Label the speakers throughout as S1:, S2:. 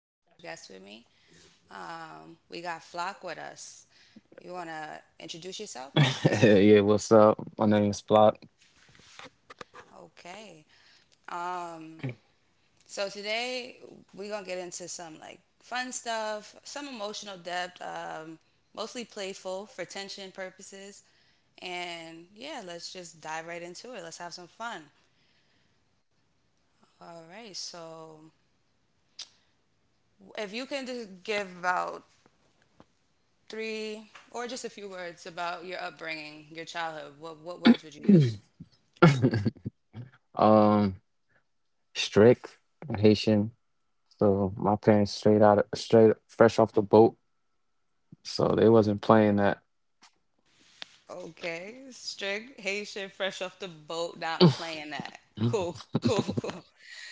S1: I got a special guest with me. We got Flock with us. You wanna introduce yourself?
S2: Yeah, what's up? My name is Block.
S1: Okay. So today we're gonna get into some like fun stuff, some emotional depth, mostly playful for tension purposes, and yeah, let's just dive right into it. Let's have some fun. All right, so if you can just give about three, or just a few words about your upbringing, your childhood. What words would you use?
S2: um, Strict Haitian. So my parents straight out, of, straight fresh off the boat. So they wasn't playing that.
S1: Okay, strict Haitian, fresh off the boat, not playing that. Cool, cool, cool.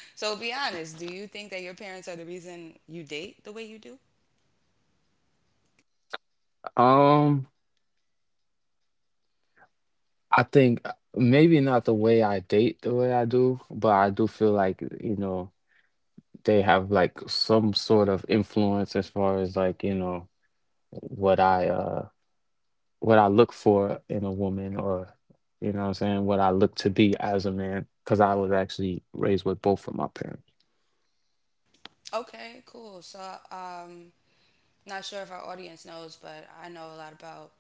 S1: So be honest. Do you think that your parents are the reason you date the way you do?
S2: Um, I think maybe not the way I date the way I do, but I do feel like, you know, they have like some sort of influence as far as like, you know, what I what I look for in a woman or you know what I'm saying, what I look to be as a man cuz I was actually raised with both of my parents.
S1: Okay, cool. So, um, not sure if our audience knows, but I know a lot about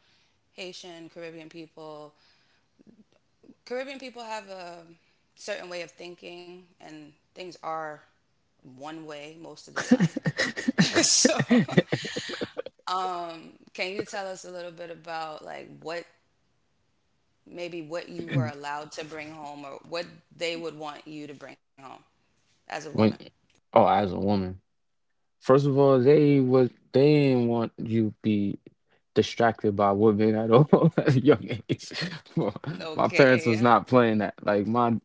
S1: Haitian Caribbean people. Caribbean people have a certain way of thinking, and things are one way most of the time. So, can you tell us a little bit about like what maybe what you were allowed to bring home or what they would want you to bring home as a woman?
S2: when Oh, as a woman. First of all, they didn't want you be distracted by women at all at a young age. My parents
S1: Okay,
S2: was
S1: yeah.
S2: not playing that. Like my,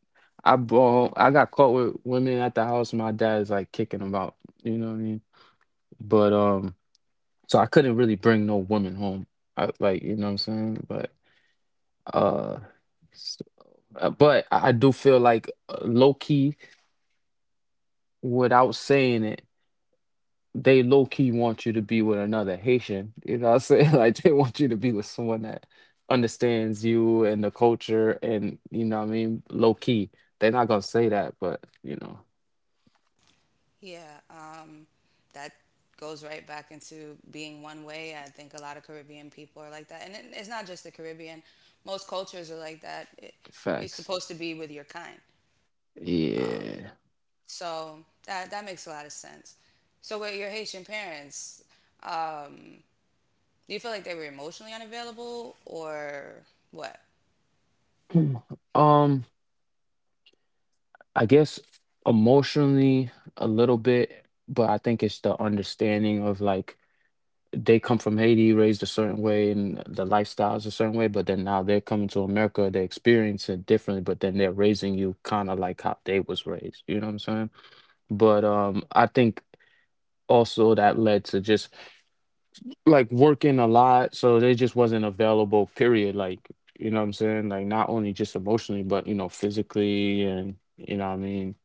S2: I brought home, I got caught with women at the house. My dad's like kicking them out. You know what I mean? But so I couldn't really bring no woman home. I, like you know what I'm saying? But uh, s- but I do feel like low key without saying it, they low key want you to be with another Haitian. You know what I'm saying? Like they want you to be with someone that understands you and the culture and you know what I mean, low key. They're not gonna say that, but you know,
S1: Yeah, that goes right back into being one way. I think a lot of Caribbean people are like that. And it's not just the Caribbean, most cultures are like that. You're
S2: facts.
S1: supposed to be with your kind.
S2: Yeah.
S1: So that makes a lot of sense. So, with your Haitian parents, um, do you feel like they were emotionally unavailable or what?
S2: Um, I guess emotionally a little bit, but I think it's the understanding of like they come from Haiti, raised a certain way, and the lifestyle is a certain way, but then now they're coming to America, they experience it differently, but then they're raising you kind of like how they was raised. You know what I'm saying? But I think also that led to just like working a lot, so they just wasn't available. Period. Like you know what I'm saying? Like not only just emotionally, but you know physically, and you know what I mean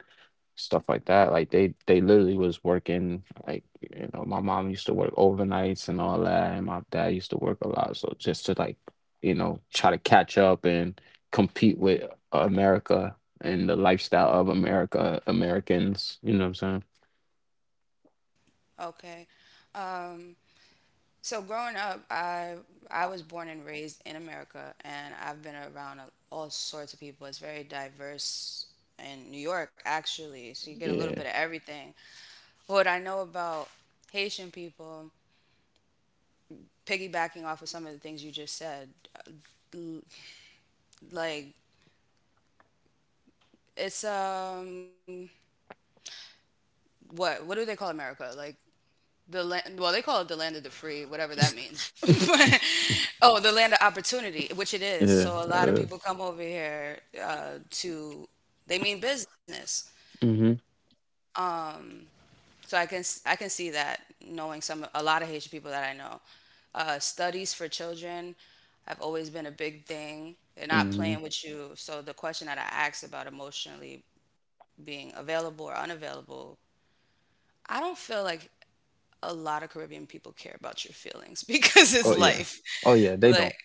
S2: stuff like that. Like they literally was working like you know my mom used to work overnights and all that, and my dad used to work a lot. So just to like you know try to catch up and compete with America and the lifestyle of America Americans. You know what I'm saying?
S1: Okay. Um, so growing up, I was born and raised in America, and I've been around all sorts of people. It's very diverse in New York, actually. So you get a little bit
S2: Yeah,
S1: of everything. What I know about Haitian people, piggybacking off of some of the things you just said, l- like it's what do they call America? Like the land, well, they call it the land of the free, whatever that means, but oh, the land of opportunity, which it is,
S2: yeah.
S1: so a lot of people come over here, to they mean business.
S2: Hmm
S1: So I can see that, knowing some a lot of Haitian people that I know. Studies for children have always been a big thing. They're not
S2: hmm
S1: playing with you. So the question that I asked about emotionally being available or unavailable, I don't feel like a lot of Caribbean people care about your feelings because it's
S2: Oh yeah,
S1: life.
S2: oh yeah. They
S1: Like
S2: don't,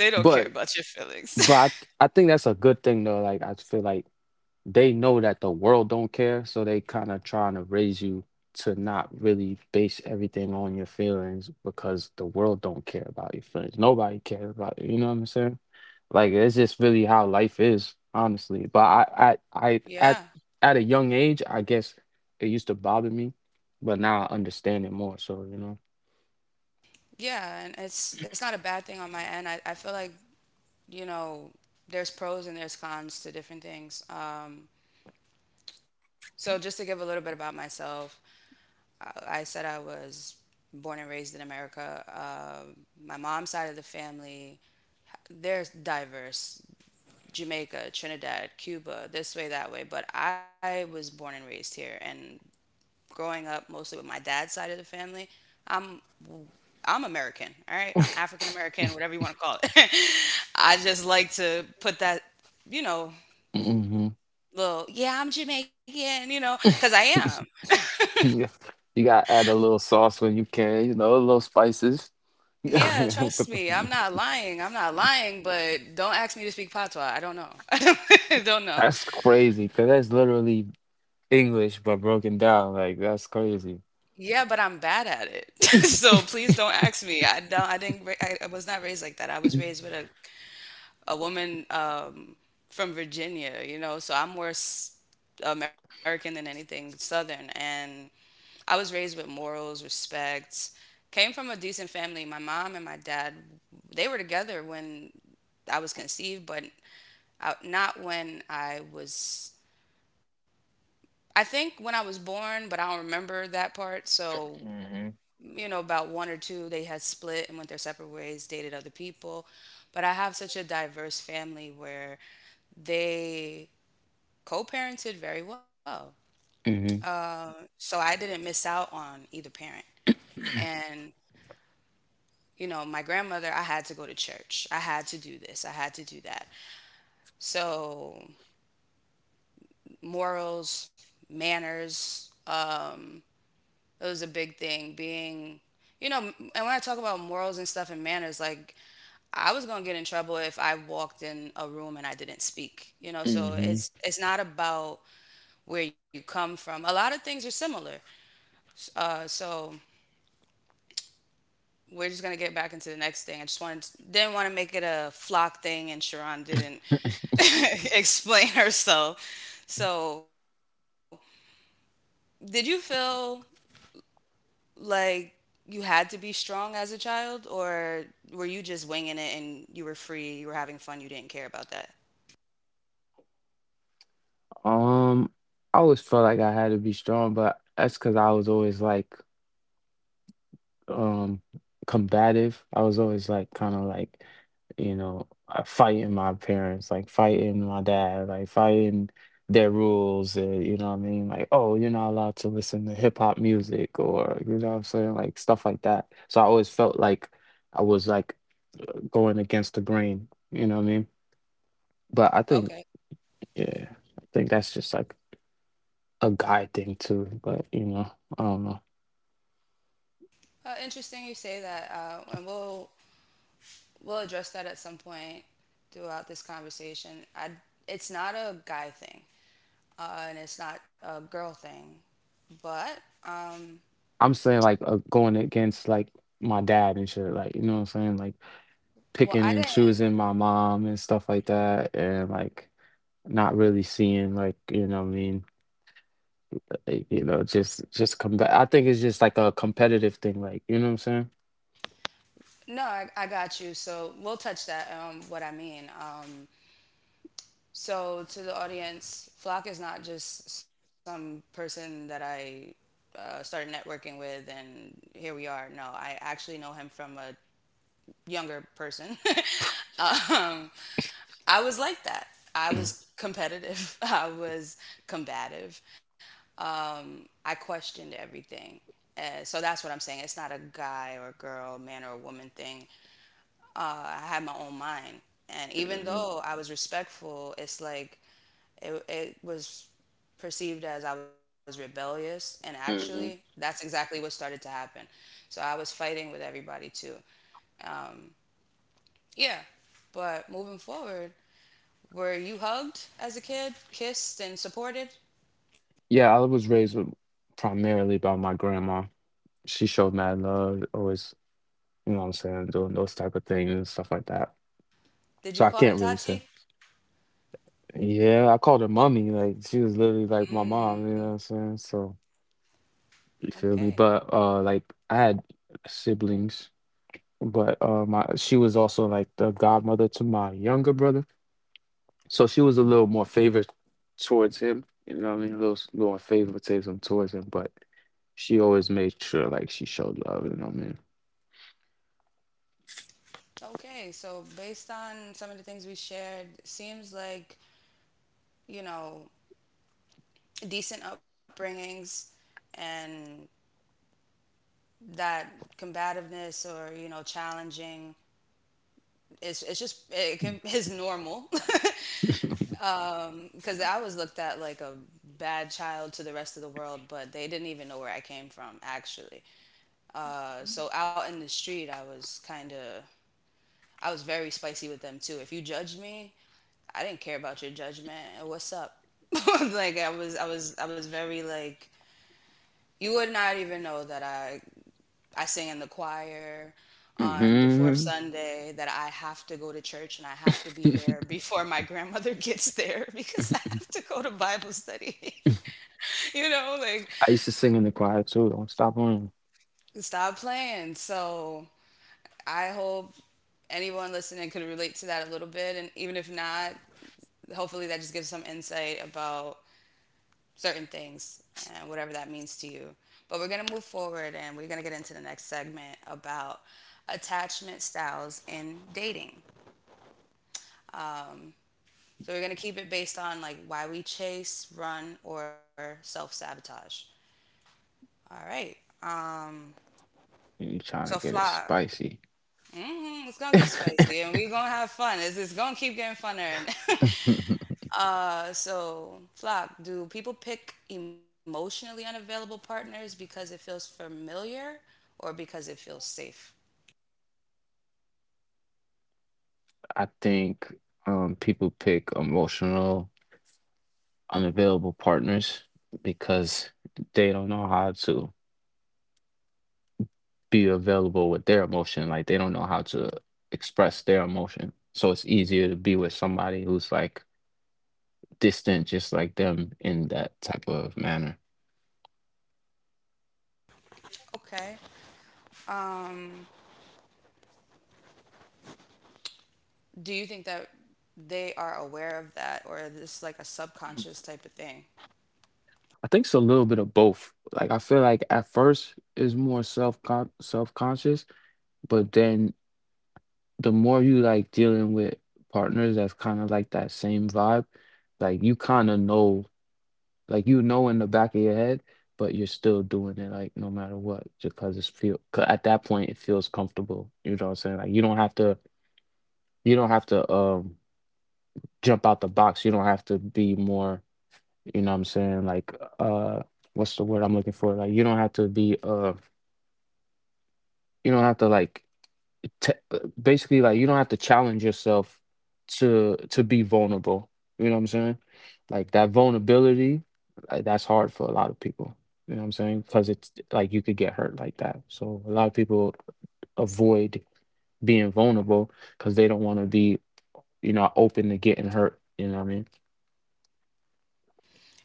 S1: they don't care
S2: but.
S1: about your feelings.
S2: But I think that's a good thing though. Like I feel like they know that the world don't care, so they kind of trying to raise you to not really base everything on your feelings because the world don't care about your feelings. Nobody cares about it. You know what I'm saying? Like it's just really how life is, honestly. But I
S1: Yeah.
S2: at a young age, I guess it used to bother me, but now I understand it more. So you know.
S1: Yeah, and it's not a bad thing on my end. I feel like, you know, there's pros and there's cons to different things. So just to give a little bit about myself, I said I was born and raised in America. My mom's side of the family, they're diverse. Jamaica, Trinidad, Cuba, this way, that way. But I was born and raised here, and growing up mostly with my dad's side of the family, I'm I'm American, all right? I'm African American, whatever you want to call it. I just like to put that, you know,
S2: Hmm.
S1: little, yeah, I'm Jamaican, you know, because I am.
S2: Yeah. You gotta add a little sauce when you can, you know, a little spices.
S1: Yeah, trust
S2: But
S1: me, I'm not lying. I'm not lying, but don't ask me to speak patois. I don't know. I don't know.
S2: that's crazy, because that's literally English but broken down. Like, that's crazy.
S1: Yeah, but I'm bad at it. So please don't ask me. I didn't ra- I was not raised like that. I was raised with a woman, from Virginia, you know, so I'm more American than anything Southern. And I was raised with morals, respect, came from a decent family. My mom and my dad, they were together when I was conceived, but not when I was. I think when I was born, but I don't remember that part. So
S2: Hmm.
S1: you know, about one or two, they had split and went their separate ways, dated other people. But I have such a diverse family where they co parented very well.
S2: Hmm.
S1: So I didn't miss out on either parent. And, you know, my grandmother, I had to go to church. I had to do this. I had to do that. So morals, manners, um, it was a big thing being, you know. And when I talk about morals and stuff and manners, like I was going to get in trouble if I walked in a room and I didn't speak, you know. So
S2: Hmm.
S1: it's not about where you come from, a lot of things are similar. So we're just going to get back into the next thing. I just wanted Didn't want to make it a Flock thing and Sharon didn't explain herself. So did you feel like you had to be strong as a child, or were you just winging it and you were free, you were having fun, you didn't care about that?
S2: Um, I always felt like I had to be strong, but that's because I was always like, um, combative. I was always like, kind of like, you know, fighting my parents, like fighting my dad, like fighting their rules. And, you know what I mean? Like, oh, you're not allowed to listen to hip hop music, or you know what I'm saying, like stuff like that. So I always felt like I was like going against the grain. You know what I mean? But I think,
S1: Okay,
S2: yeah, I think that's just like a guy thing too. But you know, I don't know.
S1: interesting you say that, and we'll address that at some point throughout this conversation. I It's not a guy thing, and it's not a girl thing, but um,
S2: I'm saying like going against like my dad and shit. Like you know what I'm saying? Like
S1: well,
S2: picking
S1: I
S2: and
S1: didn't.
S2: choosing my mom and stuff like that, and like not really seeing like you know what I mean. Like, you know, I think it's just like a competitive thing. Like you know what I'm saying?
S1: No, I got you. So we'll touch that. What I mean. So, to the audience, Flock is not just some person that I started networking with and here we are. No, I actually know him from a younger person. um, I was like that. I was competitive, I was combative. I questioned everything. So that's what I'm saying. It's not a guy or girl, man or woman thing. I had my own mind. And even though I was respectful, it's like it was perceived as I was rebellious, and actually,
S2: Hmm.
S1: that's exactly what started to happen. So I was fighting with everybody too. Um, yeah, but moving forward, were you hugged as a kid, kissed, and supported?
S2: Yeah, I was raised with, primarily by my grandma. She showed mad love, always. You know what I'm saying? Doing those type of things and stuff like that.
S1: Did
S2: So
S1: you
S2: I
S1: call her
S2: can't really say.
S1: Tati?
S2: Yeah, I called her mummy. Like she was literally like my mom, you know
S1: Mm,
S2: what I'm saying? So you feel me?
S1: okay.
S2: But like I had siblings, but my she was also like the godmother to my younger brother. So she was a little more favored towards him, you know what I mean? A little little more favoritism towards him, but she always made sure like she showed love, you know what I mean?
S1: Okay, so based on some of the things we shared, seems like, you know, decent upbringings and that combativeness or, you know, challenging, it's just it's normal because I was looked at like a bad child to the rest of the world, but they didn't even know where I came from actually. So out in the street, I was very spicy with them too. If you judged me, I didn't care about your judgment. What's up? Like I was very like you would not even know that I sing in the choir on the fourth
S2: Hmm.
S1: Sunday, that I have to go to church and I have to be there before my grandmother gets there because I have to go to Bible study. You know, like
S2: I used to sing in the choir too. Don't stop on.
S1: stop playing. So I hope anyone listening could relate to that a little bit. And even if not, hopefully that just gives some insight about certain things and whatever that means to you. But we're going to move forward and we're going to get into the next segment about attachment styles in dating. So we're going to keep it based on like why we chase, run, or self sabotage. All right. Um,
S2: You trying to
S1: so
S2: get it
S1: Flock.
S2: spicy.
S1: Hmm, it's gonna get
S2: I
S1: spicy, and we're gonna have fun. It's gonna keep getting funner. And so, Flock, do people pick emotionally unavailable partners because it feels familiar, or because it feels safe?
S2: think people pick emotional, unavailable partners because they don't know how to be available with their emotion. Like they don't know how to express their emotion. So it's easier to be with somebody who's like distant, just like them in that type of manner.
S1: Okay. Um, do you think that they are aware of that, or is this like a subconscious type of thing?
S2: I think it's a little bit of both. Like I feel like at first it's more self conscious, but then the more you like dealing with partners that's kind of like that same vibe, like you kind of know, like you know in the back of your head, but you're still doing it like no matter what, just because it's feel. 'Cause at that point, it feels comfortable. You know what I'm saying? Like you don't have to jump out the box. You don't have to be more. You know what I'm saying? Like what's the word I'm looking for? Like you don't have to be you don't have to like. T- basically like you don't have to challenge yourself to be vulnerable, you know what I'm saying, like that vulnerability, like, that's hard for a lot of people, you know what I'm saying, because it's like you could get hurt like that. So a lot of people avoid being vulnerable because they don't want to be, you know, open to getting hurt, you know what I mean.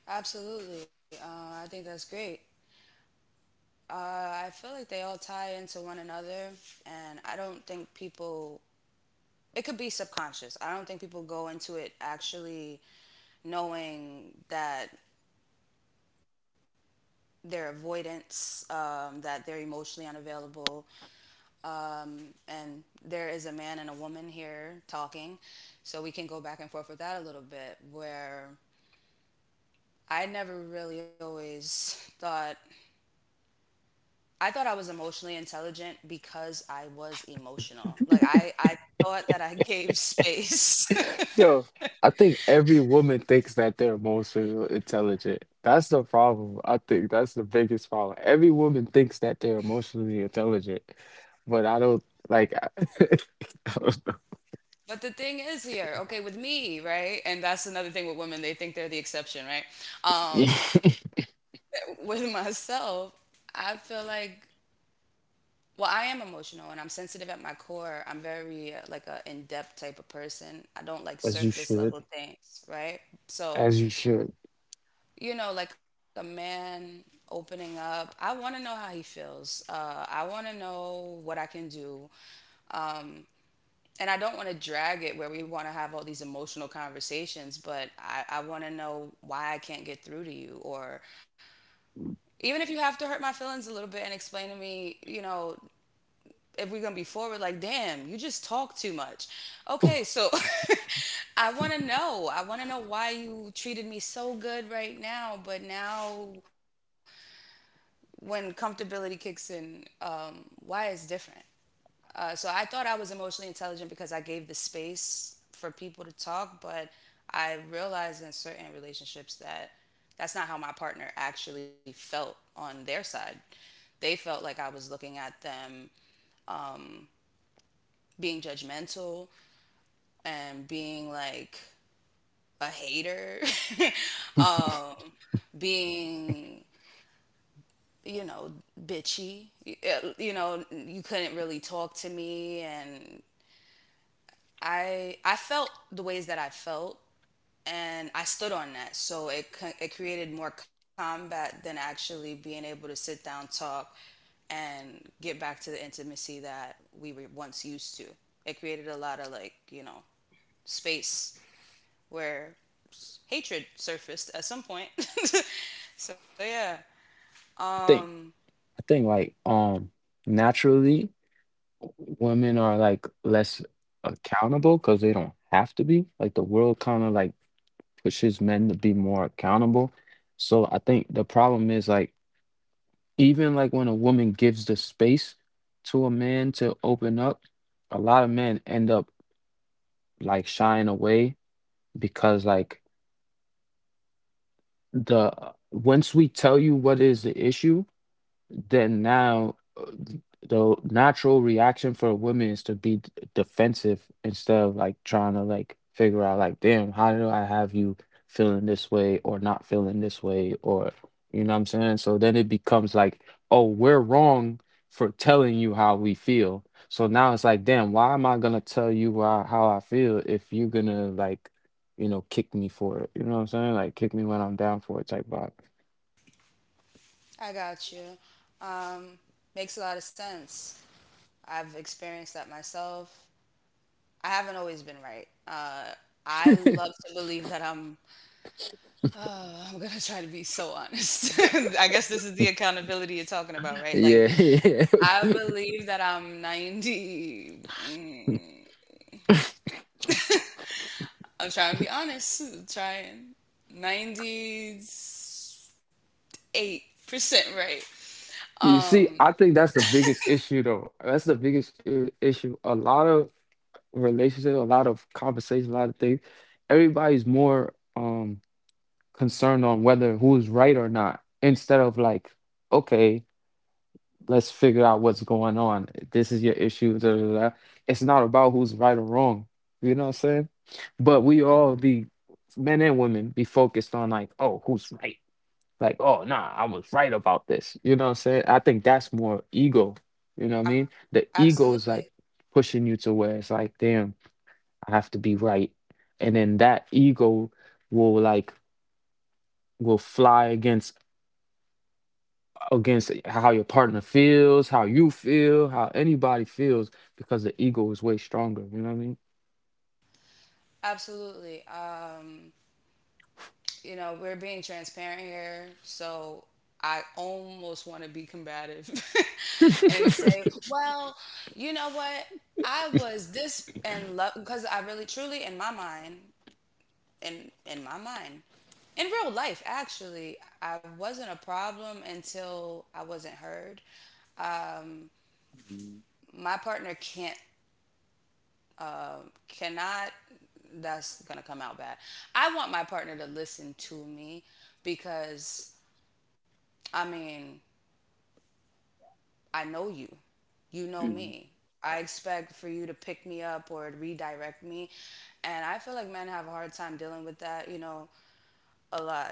S1: Absolutely. I think that's great. Uh, I feel like they all tie into one another, and I don't think people. It could be subconscious. I don't think people go into it actually knowing that their avoidance, that they're emotionally unavailable. Um, and there is a man and a woman here talking, so we can go back and forth with that a little bit. Where I never really always thought I was emotionally intelligent because I was emotional. Like I thought that I gave space.
S2: Yo, I think every woman thinks that they're emotional intelligent. That's the problem. I think that's the biggest problem. Every woman thinks that they're emotionally intelligent, but I don't like I, don't know.
S1: But the thing is here, okay, with me, right? And that's another thing with women, they think they're the exception, right? Um
S2: Yeah,
S1: with myself, I feel like, well, I am emotional and I'm sensitive at my core. I'm very like a in-depth type of person. I don't like
S2: as you
S1: surface
S2: should.
S1: level things, right?
S2: As
S1: So
S2: you should.
S1: you know, like a man opening up. I want to know how he feels. I want to know what I can do. And I don't want to drag it where we want to have all these emotional conversations, but I want to know why I can't get through to you. Or even if you have to hurt my feelings a little bit and explain to me, you know, if we're gonna be forward, like, damn, you just talk too much. Okay, so I wanna know. I wanna know why you treated me so good right now, but now when comfortability kicks in, why is different. So I thought I was emotionally intelligent because I gave the space for people to talk, but I realized in certain relationships that's not how my partner actually felt on their side. They felt like I was looking at them being judgmental and being like a hater, um, being you know, bitchy. Yeah. You couldn't really talk to me, and I felt the ways that I felt, and I stood on that. So it created more combat than actually being able to sit down, talk, and get back to the intimacy that we were once used to. It created a lot of, space where hatred surfaced at some point. So yeah.
S2: I think
S1: Um,
S2: I think like naturally women are like less accountable because they don't have to be. Like the world kind of like pushes men to be more accountable. So I think the problem is like even like when a woman gives the space to a man to open up, a lot of men end up like shying away because like the once we tell you what is the issue, then now the natural reaction for a woman is to be defensive instead of like trying to like figure out like damn how do I have you feeling this way or not feeling this way or you know what I'm saying. So then it becomes like oh we're wrong for telling you how we feel, so now it's like damn why am I gonna tell you why, how I feel if you're gonna like, you know, kick me for it, you know what I'm saying, like kick me when I'm down for it type vibe.
S1: I got you. Um, Makes a lot of sense. I've experienced that myself. I haven't always been right. I love to believe that I'm. I'm gonna try to be so honest. I guess this is the accountability you're talking about, right? Like,
S2: Yeah, yeah.
S1: I believe that I'm 90. I'm trying to be honest. Trying 98% right.
S2: You see,
S1: Um,
S2: I think that's the biggest issue, though. That's the biggest issue. A lot of relationships, a lot of conversation, a lot of things. Everybody's more concerned on whether who's right or not, instead of like, okay, let's figure out what's going on. This is your issue. Da, da, da. It's not about who's right or wrong. You know what I'm saying? But we all be men and women be focused on like, oh, who's right? Like, oh nah, I was right about this. You know what I'm saying? I think that's more ego. You know what I
S1: I'm,
S2: mean? The ego is like
S1: absolutely,
S2: pushing you to where it's like, damn, I have to be right. And then that ego will like will fly against against how your partner feels, how you feel, how anybody feels, because the ego is way stronger. You know what I mean?
S1: absolutely. You know, we're being transparent here, so I almost want to be combative and say, well, you know what? I was this and love because I really truly in my mind, in my mind, in real life actually, I wasn't a problem until I wasn't heard. My partner can't cannot that's gonna come out bad. I want my partner to listen to me, because I mean, I know you. You know
S2: Mm-hmm.
S1: me. I expect for you to pick me up or redirect me. And I feel like men have a hard time dealing with that, you know, a lot.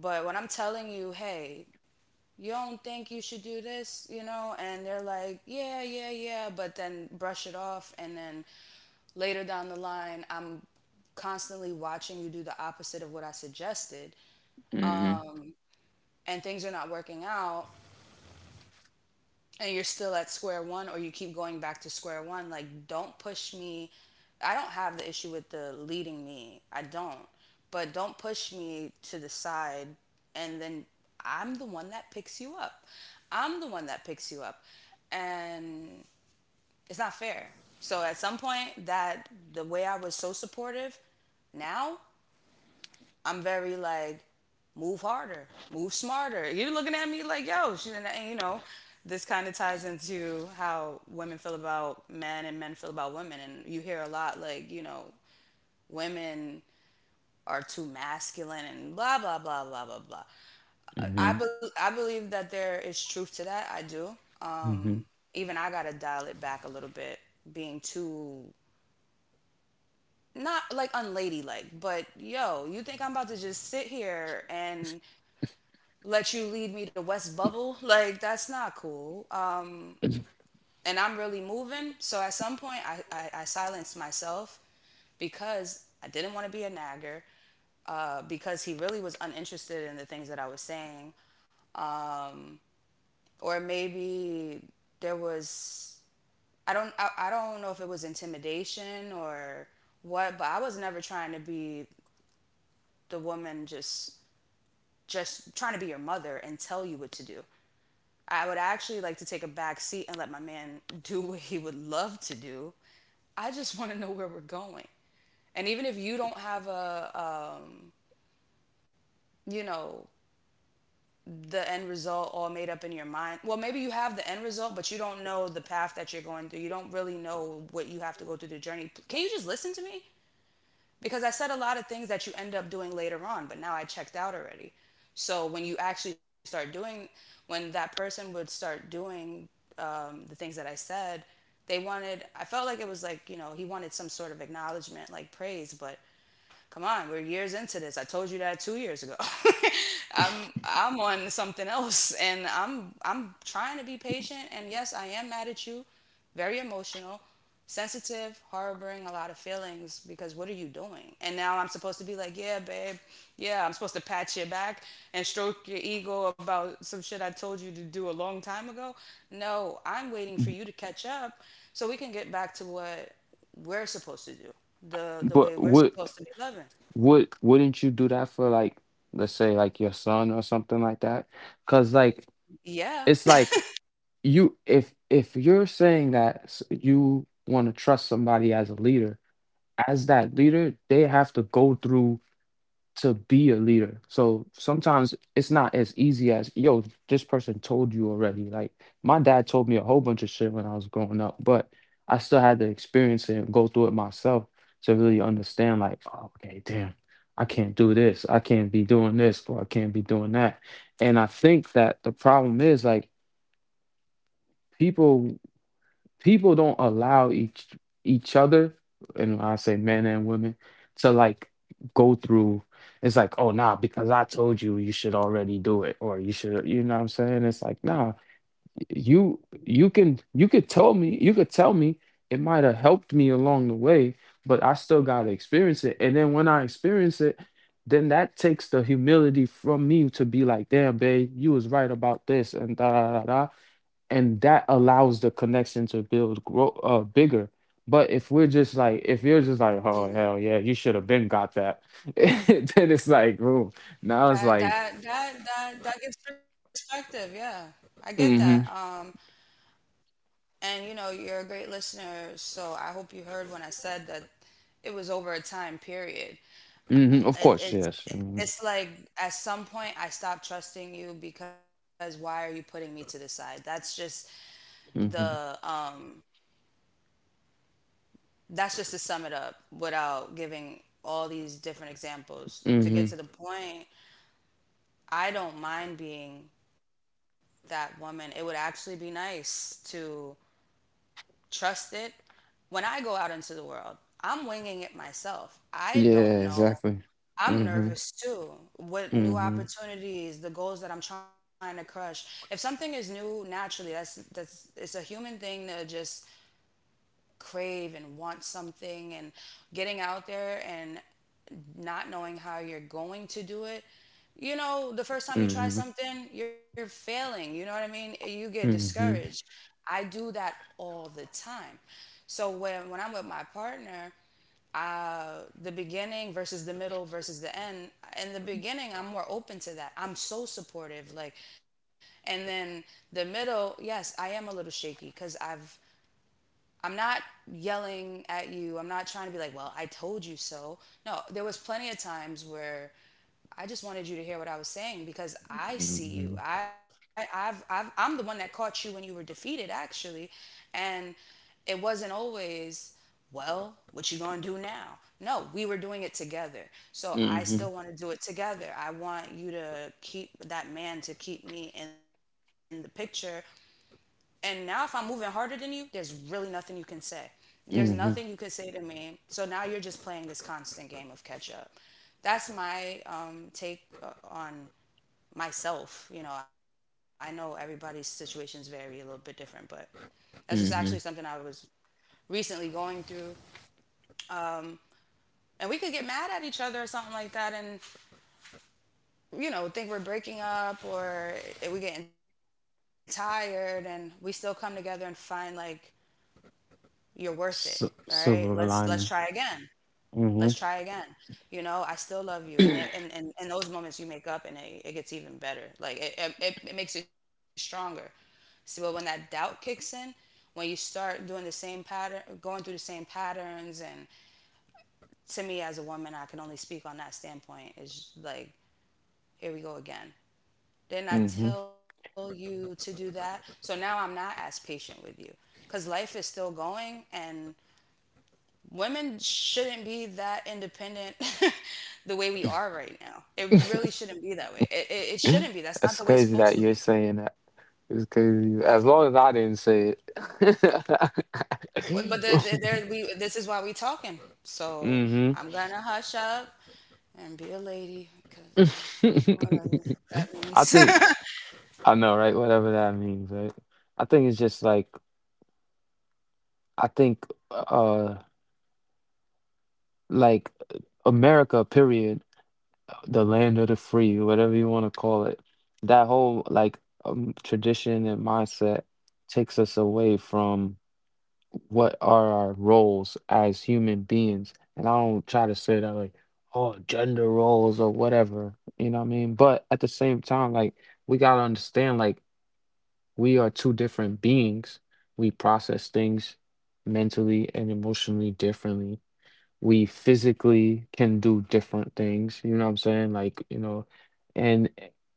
S1: But when I'm telling you, hey, you don't think you should do this, you know, and they're like, yeah, yeah, yeah, but then brush it off. And then later down the line, I'm constantly watching you do the opposite of what I suggested,
S2: Mm-hmm.
S1: and things are not working out, and you're still at square one, or you keep going back to square one. Like, don't push me. I don't have the issue with the leading me, I don't, but don't push me to the side and then I'm the one that picks you up, I'm the one that picks you up and it's not fair. So at some point that the way I was so supportive, now I'm very like, move harder, move smarter. You're looking at me like, yo, she, you know, this kind of ties into how women feel about men and men feel about women. And you hear a lot, like, you know, women are too masculine and blah, blah, blah, blah, blah, blah. I believe that there is truth to that. I do.
S2: Mm-hmm.
S1: Um, Even I got to dial it back a little bit, being too not like unladylike, but yo, you think I'm about to just sit here and let you lead me to West Bubble. Like, that's not cool. And I'm really moving. So at some point, I silenced myself because I didn't want to be a nagger. Because he really was uninterested in the things that I was saying, um, or maybe there was I don't know if it was intimidation or what, but I was never trying to be the woman just trying to be your mother and tell you what to do. I would actually like to take a back seat and let my man do what he would love to do. I just want to know where we're going. And even if you don't have a, you know, the end result all made up in your mind, well, maybe you have the end result, but you don't know the path that you're going through. You don't really know what you have to go through the journey. Can you just listen to me? Because I said a lot of things that you end up doing later on, but now I checked out already. So when you actually start doing, when that person would start doing the things that I said, they wanted, I felt like it was like, you know, he wanted some sort of acknowledgement, like praise, but come on, we're years into this. I told you that 2 years ago. I'm on something else, and I'm trying to be patient. And yes, I am mad at you. Very emotional, sensitive, harboring a lot of feelings because what are you doing? And now I'm supposed to be like, yeah, babe, yeah, I'm supposed to pat your back and stroke your ego about some shit I told you to do a long time ago. No, I'm waiting for you to catch up so we can get back to what we're supposed to do, the
S2: But
S1: way we're
S2: what?
S1: supposed to be loving.
S2: Wouldn't you do that for like let's say like your son or something like that? Because like
S1: Yeah.
S2: it's like you if you're saying that you want to trust somebody as a leader, as that leader, they have to go through to be a leader. So sometimes it's not as easy as, yo, this person told you already. Like my dad told me a whole bunch of shit when I was growing up, but I still had to experience it and go through it myself to really understand, like, oh, okay, damn, I can't do this. I can't be doing this or I can't be doing that. And I think that the problem is like people people don't allow each other, and when I say men and women, to like go through. It's like, oh nah, because I told you, you should already do it, or you should, you know what I'm saying? It's like, nah, you you can you could tell me, you could tell me. It might have helped me along the way, but I still got to experience it. And then when I experience it, then that takes the humility from me to be like, damn babe, you was right about this, and da da da da. And that allows the connection to build, grow bigger. But if we're just like, if you're just like, oh
S1: Mm.
S2: hell yeah, you should have been got that, then it's like, ooh, now it's
S1: That
S2: like
S1: that that that that gives perspective. Yeah. I get that.
S2: mm-hmm
S1: And you know, you're a great listener, so I hope you heard when I said that it was over a time period.
S2: mm-hmm. Of
S1: It,
S2: course,
S1: it's
S2: yes. mm-hmm
S1: it's like at some point I stopped trusting you because why are you putting me to the side? That's just the
S2: mm-hmm,
S1: that's just to sum it up without giving all these different examples to get to the
S2: mm-hmm."
S1: point. I don't mind being that woman. It would actually be nice to trust it. When I go out into the world, I'm winging it myself. I don't
S2: Yeah,
S1: know.
S2: exactly.
S1: I'm
S2: Mm-hmm.
S1: nervous too. What new
S2: Mm-hmm.
S1: opportunities, the goals that I'm trying to crush. If something is new naturally, that's it's a human thing to just crave and want something, and getting out there and not knowing how you're going to do it. You know, the first time you try
S2: Mm-hmm.
S1: something, you're failing. You know what I mean? You get
S2: Mm-hmm.
S1: discouraged. I do that all the time. So when I'm with my partner, the beginning versus the middle versus the end. In the beginning, I'm more open to that. I'm so supportive. Like, and then the middle, yes, I am a little shaky because I'm not yelling at you. I'm not trying to be like, well, I told you so. No, there was plenty of times where I just wanted you to hear what I was saying because I see
S2: Mm-hmm.
S1: you. I'm the one that caught you when you were defeated, actually. And it wasn't always, well, what you gonna do now? No, we were doing it together. So I still
S2: Mm-hmm.
S1: want to do it together. I want you to keep that man to keep me in the picture, and now if I'm moving harder than you, there's really nothing you can say. There's nothing you can
S2: Mm-hmm.
S1: say to me. So now you're just playing this constant game of catch up. That's my take on myself. You know, I know everybody's situations vary a little bit different, but that's just actually something I
S2: Mm-hmm.
S1: was recently going through. And we could get mad at each other or something like that, and you know, think we're breaking up, or we are getting tired, and we still come together and find like, you're worth it. All
S2: S-
S1: right, let's
S2: silver
S1: try
S2: lining.
S1: again. Let's try
S2: Mm-hmm.
S1: again. You know, I still love you. And and those moments you make up and it gets even better. Like, it it makes it stronger. So, but when that doubt kicks in, when you start doing the same pattern, going through the same patterns, and to me as a woman, I can only speak on that standpoint, is like, here we go again. Didn't I
S2: Mm-hmm.
S1: tell you to do that? So now I'm not as patient with you, because life is still going, and women shouldn't be that independent the way we are right now. It really shouldn't be that way. It shouldn't be. That's not
S2: That's
S1: the way it's
S2: crazy
S1: supposed
S2: that
S1: to
S2: you're
S1: be.
S2: saying that. It's crazy. As long as I didn't say
S1: But
S2: it.
S1: the, there we this is why we talking. So
S2: mm-hmm.
S1: I'm gonna hush up and be a lady, because
S2: I
S1: yeah, whatever that means.
S2: think I know, right? Whatever that means, right? I think it's just like I think like America, period. The land of the free, whatever you want to call it. That whole like tradition and mindset takes us away from what are our roles as human beings. And I don't try to say that like, oh, gender roles or whatever, you know what I mean? But at the same time, like, we got to understand, like, we are two different beings. We process things mentally and emotionally differently. We physically can do different things, you know what I'm saying? Like, you know, and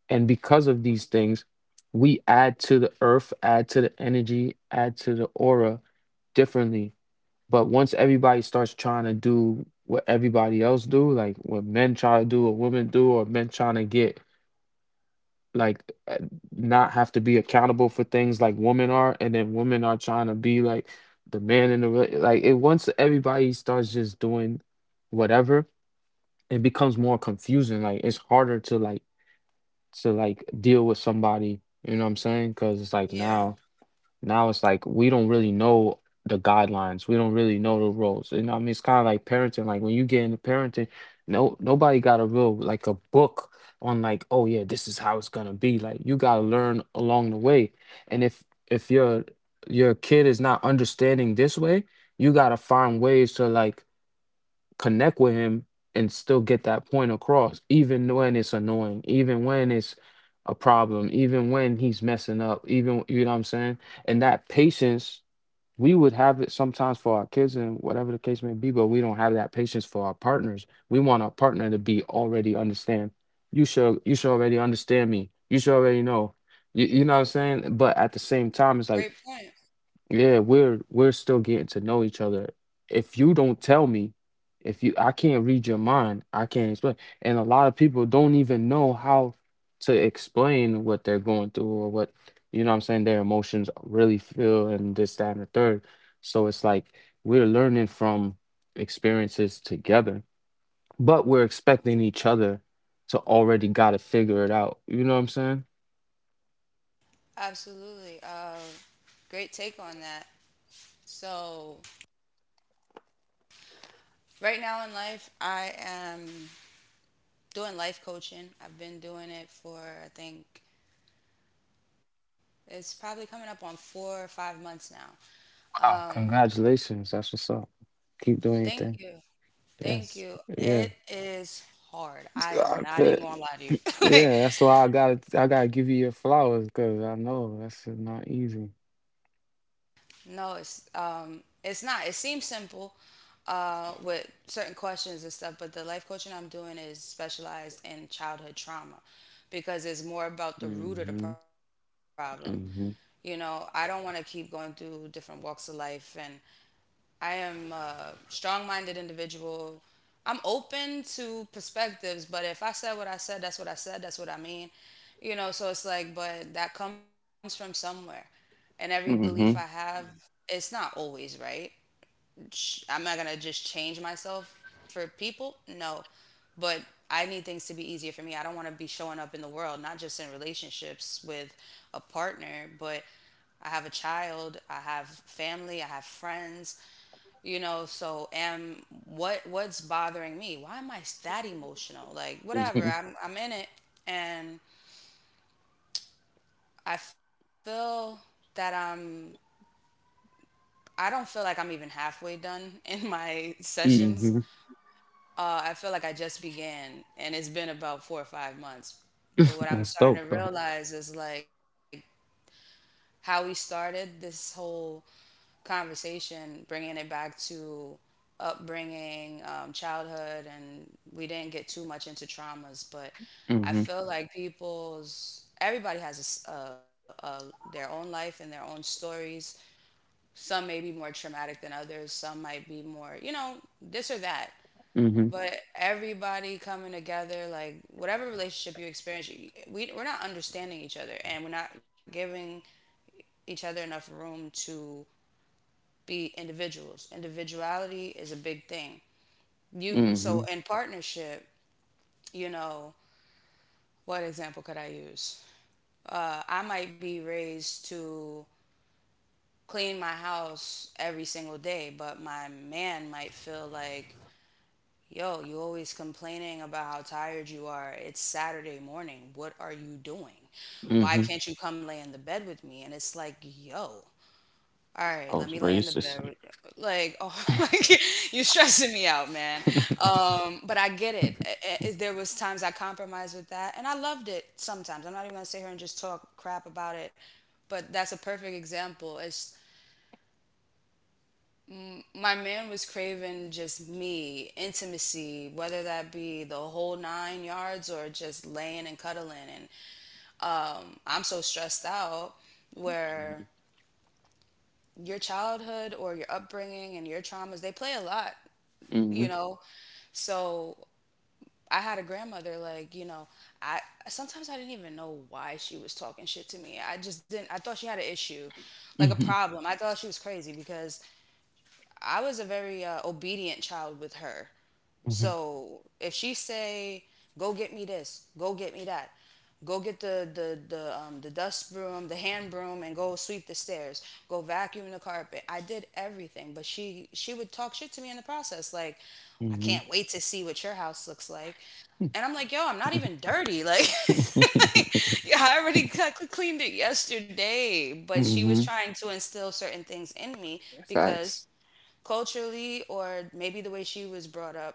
S2: because of these things, we add to the earth, add to the energy, add to the aura differently. But once everybody starts trying to do what everybody else do, like what men try to do or women do, or men trying to get like uh, not have to be accountable for things like women are, and then women are trying to be like the man in the rela-, like, it once everybody starts just doing whatever, it becomes more confusing. Like, it's harder to like deal with somebody, you know what I'm saying? Because it's
S1: Yeah,
S2: like, now it's like we don't really know the guidelines. We don't really know the rules. You know what I mean, it's kind of like parenting. Like when you get into parenting, no, nobody got a real like a book on like, oh yeah, this is how it's gonna be. Like you gotta learn along the way. And if your kid is not understanding this way, you gotta find ways to like connect with him and still get that point across, even when it's annoying, even when it's a problem, even when he's messing up, even, you know what I'm saying? And that patience, we would have it sometimes for our kids and whatever the case may be, but we don't have that patience for our partners. We want our partner to be already understand. You should already understand me. You should already know. You know what I'm saying? But at the
S1: great
S2: same
S1: point.
S2: time, it's like, yeah, we're still getting to know each other. If you don't tell me, if you I can't read your mind, I can't explain. And a lot of people don't even know how to explain what they're going through or what, you know what I'm saying, their emotions really feel, and this, that, and the third. So it's like we're learning from experiences together, but we're expecting each other to already gotta figure it out. You know what I'm saying?
S1: Absolutely. Great take on that. So, right now in life, I am doing life coaching. I've been doing it for, I think, it's probably coming up on 4 or 5 months now.
S2: Wow, congratulations. That's what's up. Keep doing your
S1: Thank you.
S2: thing.
S1: Thank you.
S2: Yes.
S1: It
S2: Yeah.
S1: is hard. I am
S2: I
S1: not even
S2: bet.
S1: gonna lie to you. Like,
S2: Yeah, that's why I gotta give you your flowers because I know that's not easy.
S1: no, it's not. It seems simple with certain questions and stuff, but the life coaching I'm doing is specialized in childhood trauma because it's more about the root of the
S2: hmm
S1: problem. You know,
S2: hmm
S1: I don't want to keep going through different walks of life. I am a strong-minded individual. I'm open to perspectives, but if I said what I said, that's what I said, that's what I mean. You know, so it's like, but that comes from somewhere. And every belief I have,
S2: hmm
S1: it's not always right. I'm not going to just change myself for people. No. But I need things to be easier for me. I don't want to be showing up in the world, not just in relationships with a partner, but I have a child, I have family, I have friends. So am, what's bothering me, why am I that emotional? Like whatever, I'm in it. And I feel that I'm, I don't feel like I'm even halfway done in my
S2: hmm
S1: sessions.
S2: hmm
S1: I feel like I just began, and it's been about 4 or 5 months. But what I'm
S2: That's
S1: starting
S2: dope
S1: to
S2: though.
S1: realize is like, how we started this whole conversation, bringing it back to upbringing, childhood, and we didn't get too much into traumas, but I
S2: hmm
S1: feel like people's everybody has a s a their own life and their own stories. Some may be more traumatic than others. Some might be more, you know, this or that.
S2: hmm
S1: But everybody coming together, like whatever relationship you experience, we, we're not understanding each other, and we're not giving each other enough room to be individuals. Individuality is a big thing. You
S2: hmm
S1: so in partnership, you know, what example could I use? I might be raised to clean my house every single day, but my man might feel like, yo, you always complaining about how tired you are. It's Saturday morning. What are you doing?
S2: hmm.
S1: Why can't you come lay in the bed with me? And it's like, yo, all
S2: I
S1: right,
S2: was
S1: let me lay
S2: raised
S1: in the
S2: this way.
S1: bed with- Like, oh, like, you're stressing me out, man. But I get it. There was times I compromised with that, and I loved it. Sometimes I'm not even gonna sit here and just talk crap about it, but that's a perfect example. It's my man was craving just me, intimacy, whether that be the whole nine yards or just laying and cuddling. And I'm so stressed out where your childhood or your upbringing and your traumas, they play a lot,
S2: hmm
S1: you know. So I had a grandmother, like, you know, I sometimes I didn't even know why she was talking shit to me. I just didn't, I thought she had an issue, like a
S2: hmm
S1: problem. I thought she was crazy because I was a very obedient child with her.
S2: hmm
S1: So if she say, go get me this, go get me that, go get the the dust broom, the hand broom, and go sweep the stairs. Go vacuum the carpet. I did everything, but she would talk shit to me in the process, like, I
S2: hmm
S1: can't wait to see what your house looks like. And I'm like, yo, I'm not even dirty. Like,
S2: hmm.
S1: like, yeah, I already got cleaned it yesterday. But she was trying to instill certain things in me because
S2: Facts.
S1: culturally, or maybe the way she was brought up,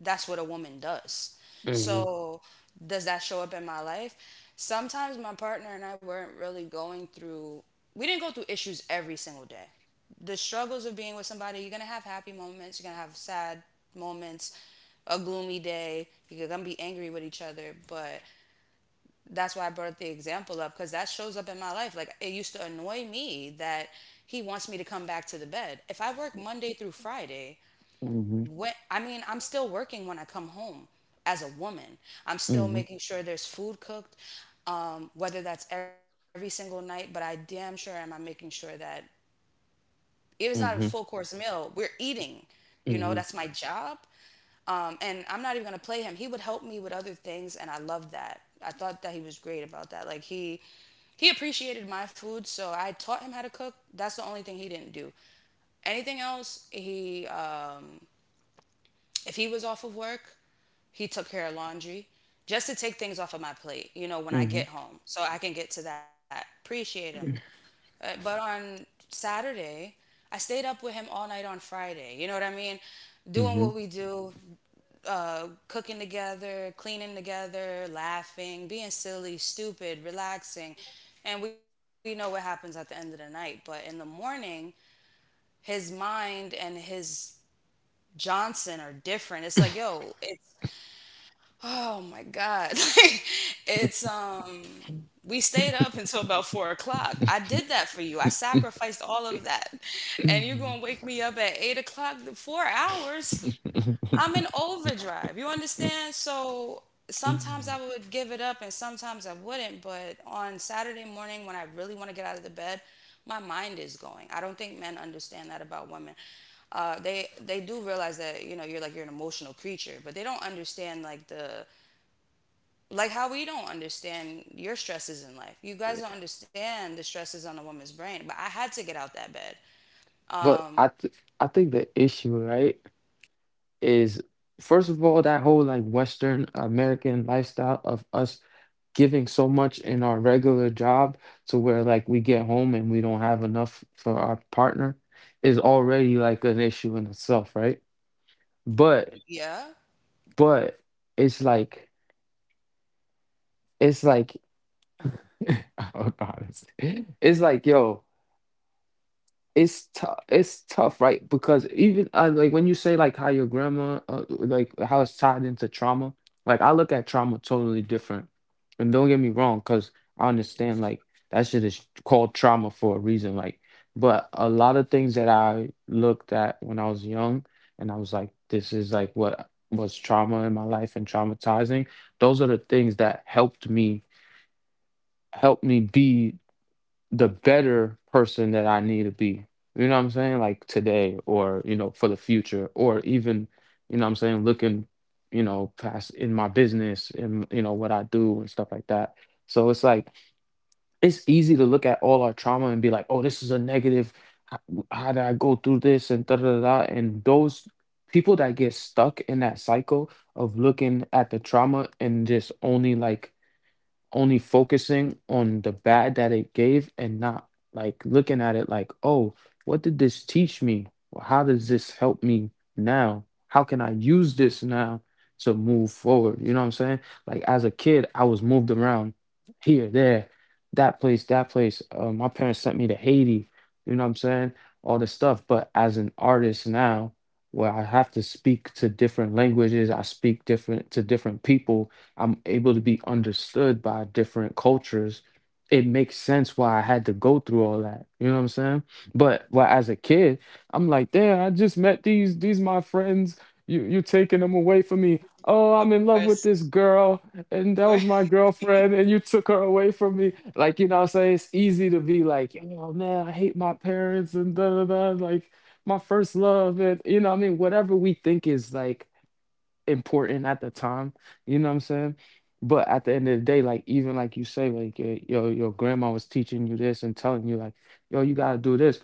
S1: that's what a woman does.
S2: hmm
S1: So, does that show up in my life? Sometimes my partner and I weren't really going through, we didn't go through issues every single day. The struggles of being with somebody, you're gonna have happy moments, you're gonna have sad moments, a gloomy day, you're gonna be angry with each other. But that's why I brought the example up, because that shows up in my life. Like, it used to annoy me that he wants me to come back to the bed. If I work Monday through Friday,
S2: hmm
S1: what I mean, I'm still working when I come home as a woman. I'm still
S2: hmm
S1: making sure there's food cooked, whether that's every single night, but I damn sure am I making sure that if it's not a full
S2: hmm
S1: course meal, we're eating. You know,
S2: hmm
S1: that's my job. And I'm not even gonna play him. He would help me with other things, and I love that. I thought that he was great about that. Like he appreciated my food, so I taught him how to cook. That's the only thing he didn't do. Anything else, he if he was off of work, he took care of laundry just to take things off of my plate, you know, when I get home so I can get to that. Appreciate him. But on Saturday, I stayed up with him all night on Friday. You know what I mean? Doing
S2: hmm
S1: what we do, cooking together, cleaning together, laughing, being silly, stupid, relaxing. And we know what happens at the end of the night. But in the morning, his mind and his Johnson are different. It's like, yo, it's, oh my God. Like, it's we stayed up until about 4 o'clock. I did that for you. I sacrificed all of that. And you're gonna wake me up at 8 o'clock? The 4 hours. I'm in overdrive. You understand? So sometimes
S2: hmm.
S1: I would give it up and sometimes I wouldn't, but on Saturday morning when I really want to get out of the bed, my mind is going. I don't think men understand that about women. They do realize that, you know, you're like you're an emotional creature, but they don't understand like the like how we don't understand your stresses in life. You guys don't understand the stresses on a woman's brain. But I had to get out that bed.
S2: But
S1: Um,
S2: I think the issue, right, is, first of all, that whole like Western American lifestyle of us giving so much in our regular job, to where like we get home and we don't have enough for our partner is already like an issue in itself, right? But
S1: yeah.
S2: but it's like it's like oh God, it's like, yo, it's tough. It's tough, right? Because even, like when you say like how your grandma, like how it's tied into trauma, like I look at trauma totally different. And don't get me wrong, because I understand like that shit is called trauma for a reason. Like, but a lot of things that I looked at when I was young and I was like, this is like what was trauma in my life and traumatizing, those are the things that helped me be the better person that I need to be. You know what I'm saying? Like today, or, you know, for the future, or even, you know what I'm saying, looking, you know, past in my business and, you know, what I do and stuff like that. So it's like, it's easy to look at all our trauma and be like, oh, this is a negative. How, how did I go through this and da da da da? And those people that get stuck in that cycle of looking at the trauma and just only focusing on the bad that it gave, and not like looking at it like, oh, what did this teach me? Well, how does this help me now? How can I use this now to move forward? You know what I'm saying? Like as a kid, I was moved around here, there, that place. My parents sent me to Haiti. You know what I'm saying? All this stuff. But as an artist now, where I have to speak to different languages, I speak different to different people, I'm able to be understood by different cultures. It makes sense why I had to go through all that. You know what I'm saying? But, well, as a kid, I'm like, damn, I just met these my friends. You taking them away from me. Oh,
S1: Of
S2: I'm in love with
S1: course.
S2: this girl, and
S1: Of
S2: that was
S1: course.
S2: my girlfriend, and you took her away from me. Like, you know what I'm saying? It's easy to be like, oh man, I hate my parents and da da da, like my first love, and, you know what I mean, whatever we think is like important at the time. You know what I'm saying? But at the end of the day, like even like you say, like your grandma was teaching you this and telling you like, yo, you gotta do this,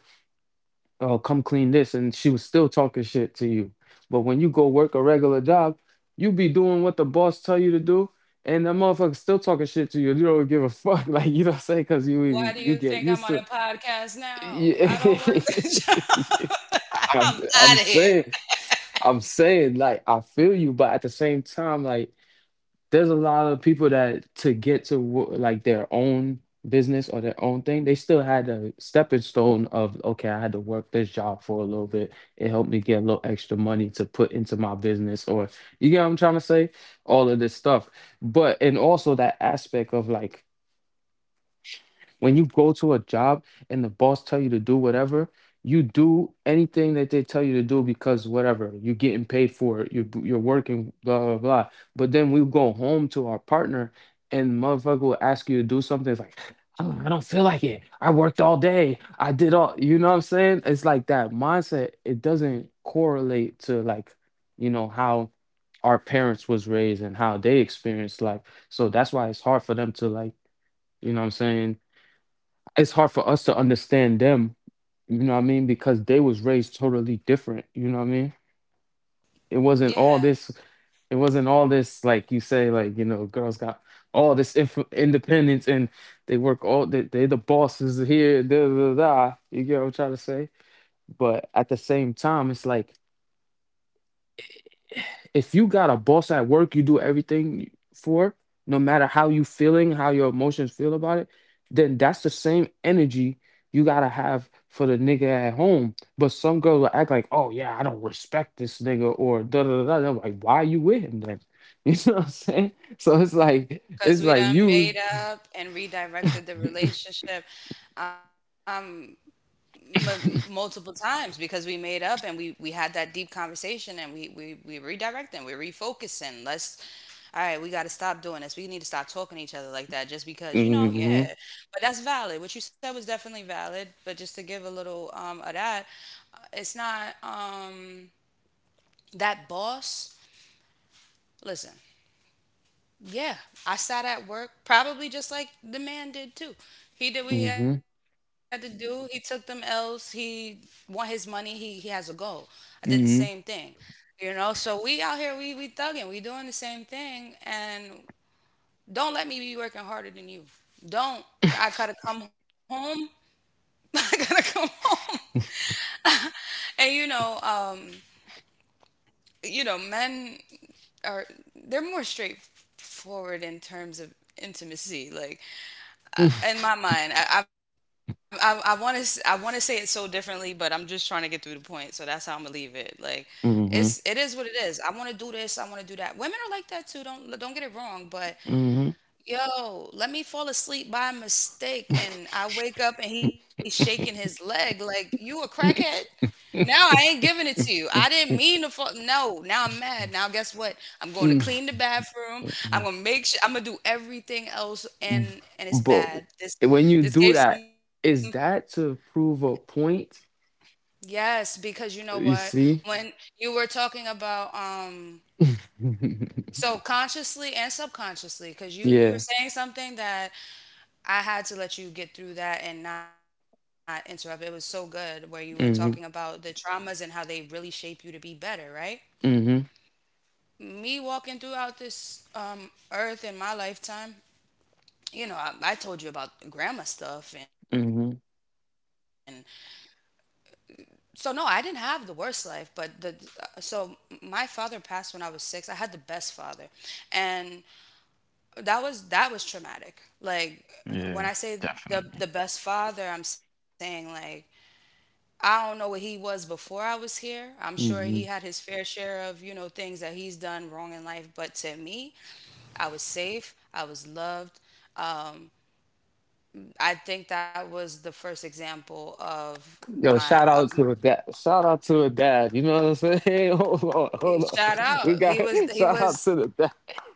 S2: oh come clean this, and she was still talking shit to you. But when you go work a regular job, you be doing what the boss tell you to do, and the motherfucker still talking shit to you. You don't give a fuck, like, you don't say, because you
S1: Why do
S2: you
S1: you
S2: get
S1: think I'm
S2: used
S1: on a
S2: to
S1: podcast now? I don't work that
S2: it.
S1: job.
S2: I'm,
S1: I'm
S2: I'm
S1: out of here.
S2: saying, I'm saying, like, I feel you, but at the same time, like, there's a lot of people that to get to like their own business or their own thing, they still had a stepping stone of, okay, I had to work this job for a little bit. It helped me get a little extra money to put into my business, or you get what I'm trying to say? All of this stuff, but and also that aspect of like when you go to a job and the boss tell you to do whatever, you do anything that they tell you to do because whatever, you're getting paid for it, you're working, blah, blah, blah. But then we go home to our partner and motherfucker will ask you to do something. It's like, "Oh, I don't feel like it. I worked all day. I did all, you know what I'm saying? It's like that mindset. It doesn't correlate to like, you know, how our parents was raised and how they experienced life. So that's why it's hard for them to like, you know what I'm saying? It's hard for us to understand them, you know what I mean, because they was raised totally different, you know what I mean. it wasn't
S1: Yeah,
S2: all this it wasn't all this like you say, like, you know, girls got all this independence, and they work all, they the bosses here, da, da, da, da, you get what I'm trying to say. But at the same time, it's like, if you got a boss at work you do everything for, no matter how you feeling, how your emotions feel about it, then that's the same energy you gotta have for the nigga at home. But some girls will act like, oh yeah, I don't respect this nigga or da da da da. I'm like, why are you with him then? You know what I'm saying? So
S1: because
S2: it's
S1: we
S2: like
S1: done
S2: you
S1: made up and redirected the relationship, um, multiple times, because we made up and we had that deep conversation, and we redirecting, we're refocusing. Let's, all right, we got to stop doing this. We need to stop talking to each other like that just because, you know,
S2: hmm
S1: yeah.
S2: hmm
S1: But that's valid. What you said was definitely valid. But just to give a little of that, it's not that boss. Listen, yeah, I sat at work probably just like the man did too. He did what he had to
S2: hmm
S1: do. He took them L's. He won his money. He has a goal. I did the same thing, you know. So we out here, we thugging, we doing the same thing, and don't let me be working harder than you. Don't. I gotta come home. I gotta come home. And you know, men are, they're more straightforward in terms of intimacy. Like in my mind, I want to, I want to say it so differently, but I'm just trying to get through the point. So that's how I'm gonna leave it. Like it's, it is what it
S2: hmm
S1: is. I want to do this. I want to do that. Women are like that too. Don't get it wrong, but,
S2: hmm
S1: yo, let me fall asleep by mistake and I wake up and he's shaking his leg like you a crackhead. Now I ain't giving it to you. I didn't mean to fall. No, now I'm mad. Now guess what? I'm going to clean the
S2: hmm.
S1: bathroom. I'm gonna make sure. I'm gonna do everything else,
S2: B-
S1: and it's bad.
S2: But
S1: This
S2: when
S1: this
S2: you
S1: gave
S2: do
S1: some,
S2: that, is that to prove a point?
S1: yes, because you know what?
S2: You
S1: When
S2: see?
S1: you were talking about so consciously and subconsciously, because you were
S2: Yeah.
S1: saying something that I had to let you get through that and not interrupt. It was so good where you were talking about the
S2: hmm
S1: traumas and how they really shape you to be better, right?
S2: hmm
S1: Me walking throughout this earth in my lifetime, you know, I told you about grandma stuff. And
S2: hmm.
S1: so, no, I didn't have the worst life, but so my father passed when I was six. I had the best father. And that was traumatic. Like, when I say
S2: Yeah,
S1: the best
S2: definitely.
S1: father, I'm saying like, I don't know what he was before I was here. I'm sure he had his
S2: Hmm
S1: fair share of, you know, things that he's done wrong in life. But to me, I was safe. I was loved. Um, I think that was the first example of
S2: Yo,
S1: my
S2: shout out to a dad. Shout out to a dad. You know what I'm saying? Hey, hold on, hold on.
S1: shout
S2: We
S1: out.
S2: got
S1: He
S2: shout out
S1: was,
S2: to the dad.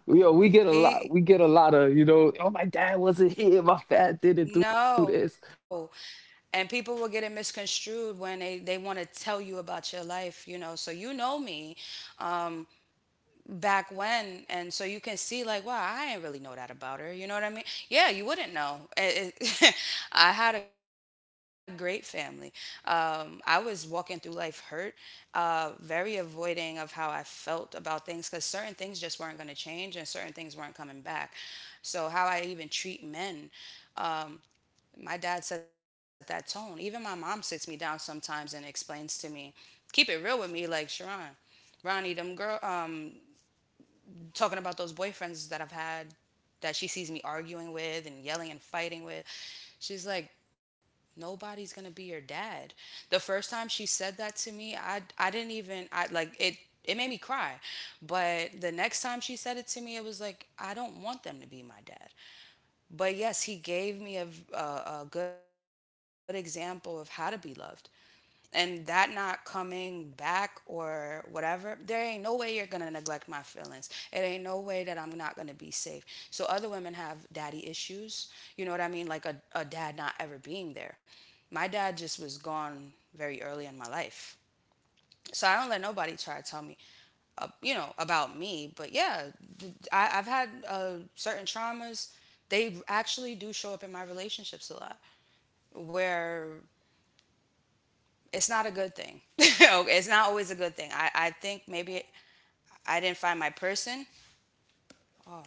S2: Yo, we get a lot.
S1: he,
S2: We get a lot of, you know, oh, my dad wasn't here. My dad didn't do
S1: no.
S2: this.
S1: And people will get it misconstrued when they want to tell you about your life, you know. So you know me. Um, Back when, and so you can see like, wow, I didn't really know that about her, you know what I mean? Yeah, you wouldn't know. I had a great family. I was walking through life hurt, very avoiding of how I felt about things, because certain things just weren't going to change and certain things weren't coming back. So how I even treat men, um, my dad set that tone. Even my mom sits me down sometimes and explains to me, keep it real with me, like Sharon, Ronnie them girl, talking about those boyfriends that I've had that she sees me arguing with and yelling and fighting with. She's like, nobody's gonna be your dad. The first time she said that to me, I didn't even I like it. It made me cry. But the next time she said it to me, it was like, I don't want them to be my dad. But yes, he gave me a good example of how to be loved, and that not coming back or whatever, there ain't no way you're gonna neglect my feelings. It ain't no way that I'm not gonna be safe. So other women have daddy issues. You know what I mean? Like a dad not ever being there. My dad just was gone very early in my life. So I don't let nobody try to tell me, you know, about me. But yeah, I've had certain traumas. They actually do show up in my relationships a lot, where it's not a good thing. It's not always a good thing. I think maybe I didn't find my person. Oh,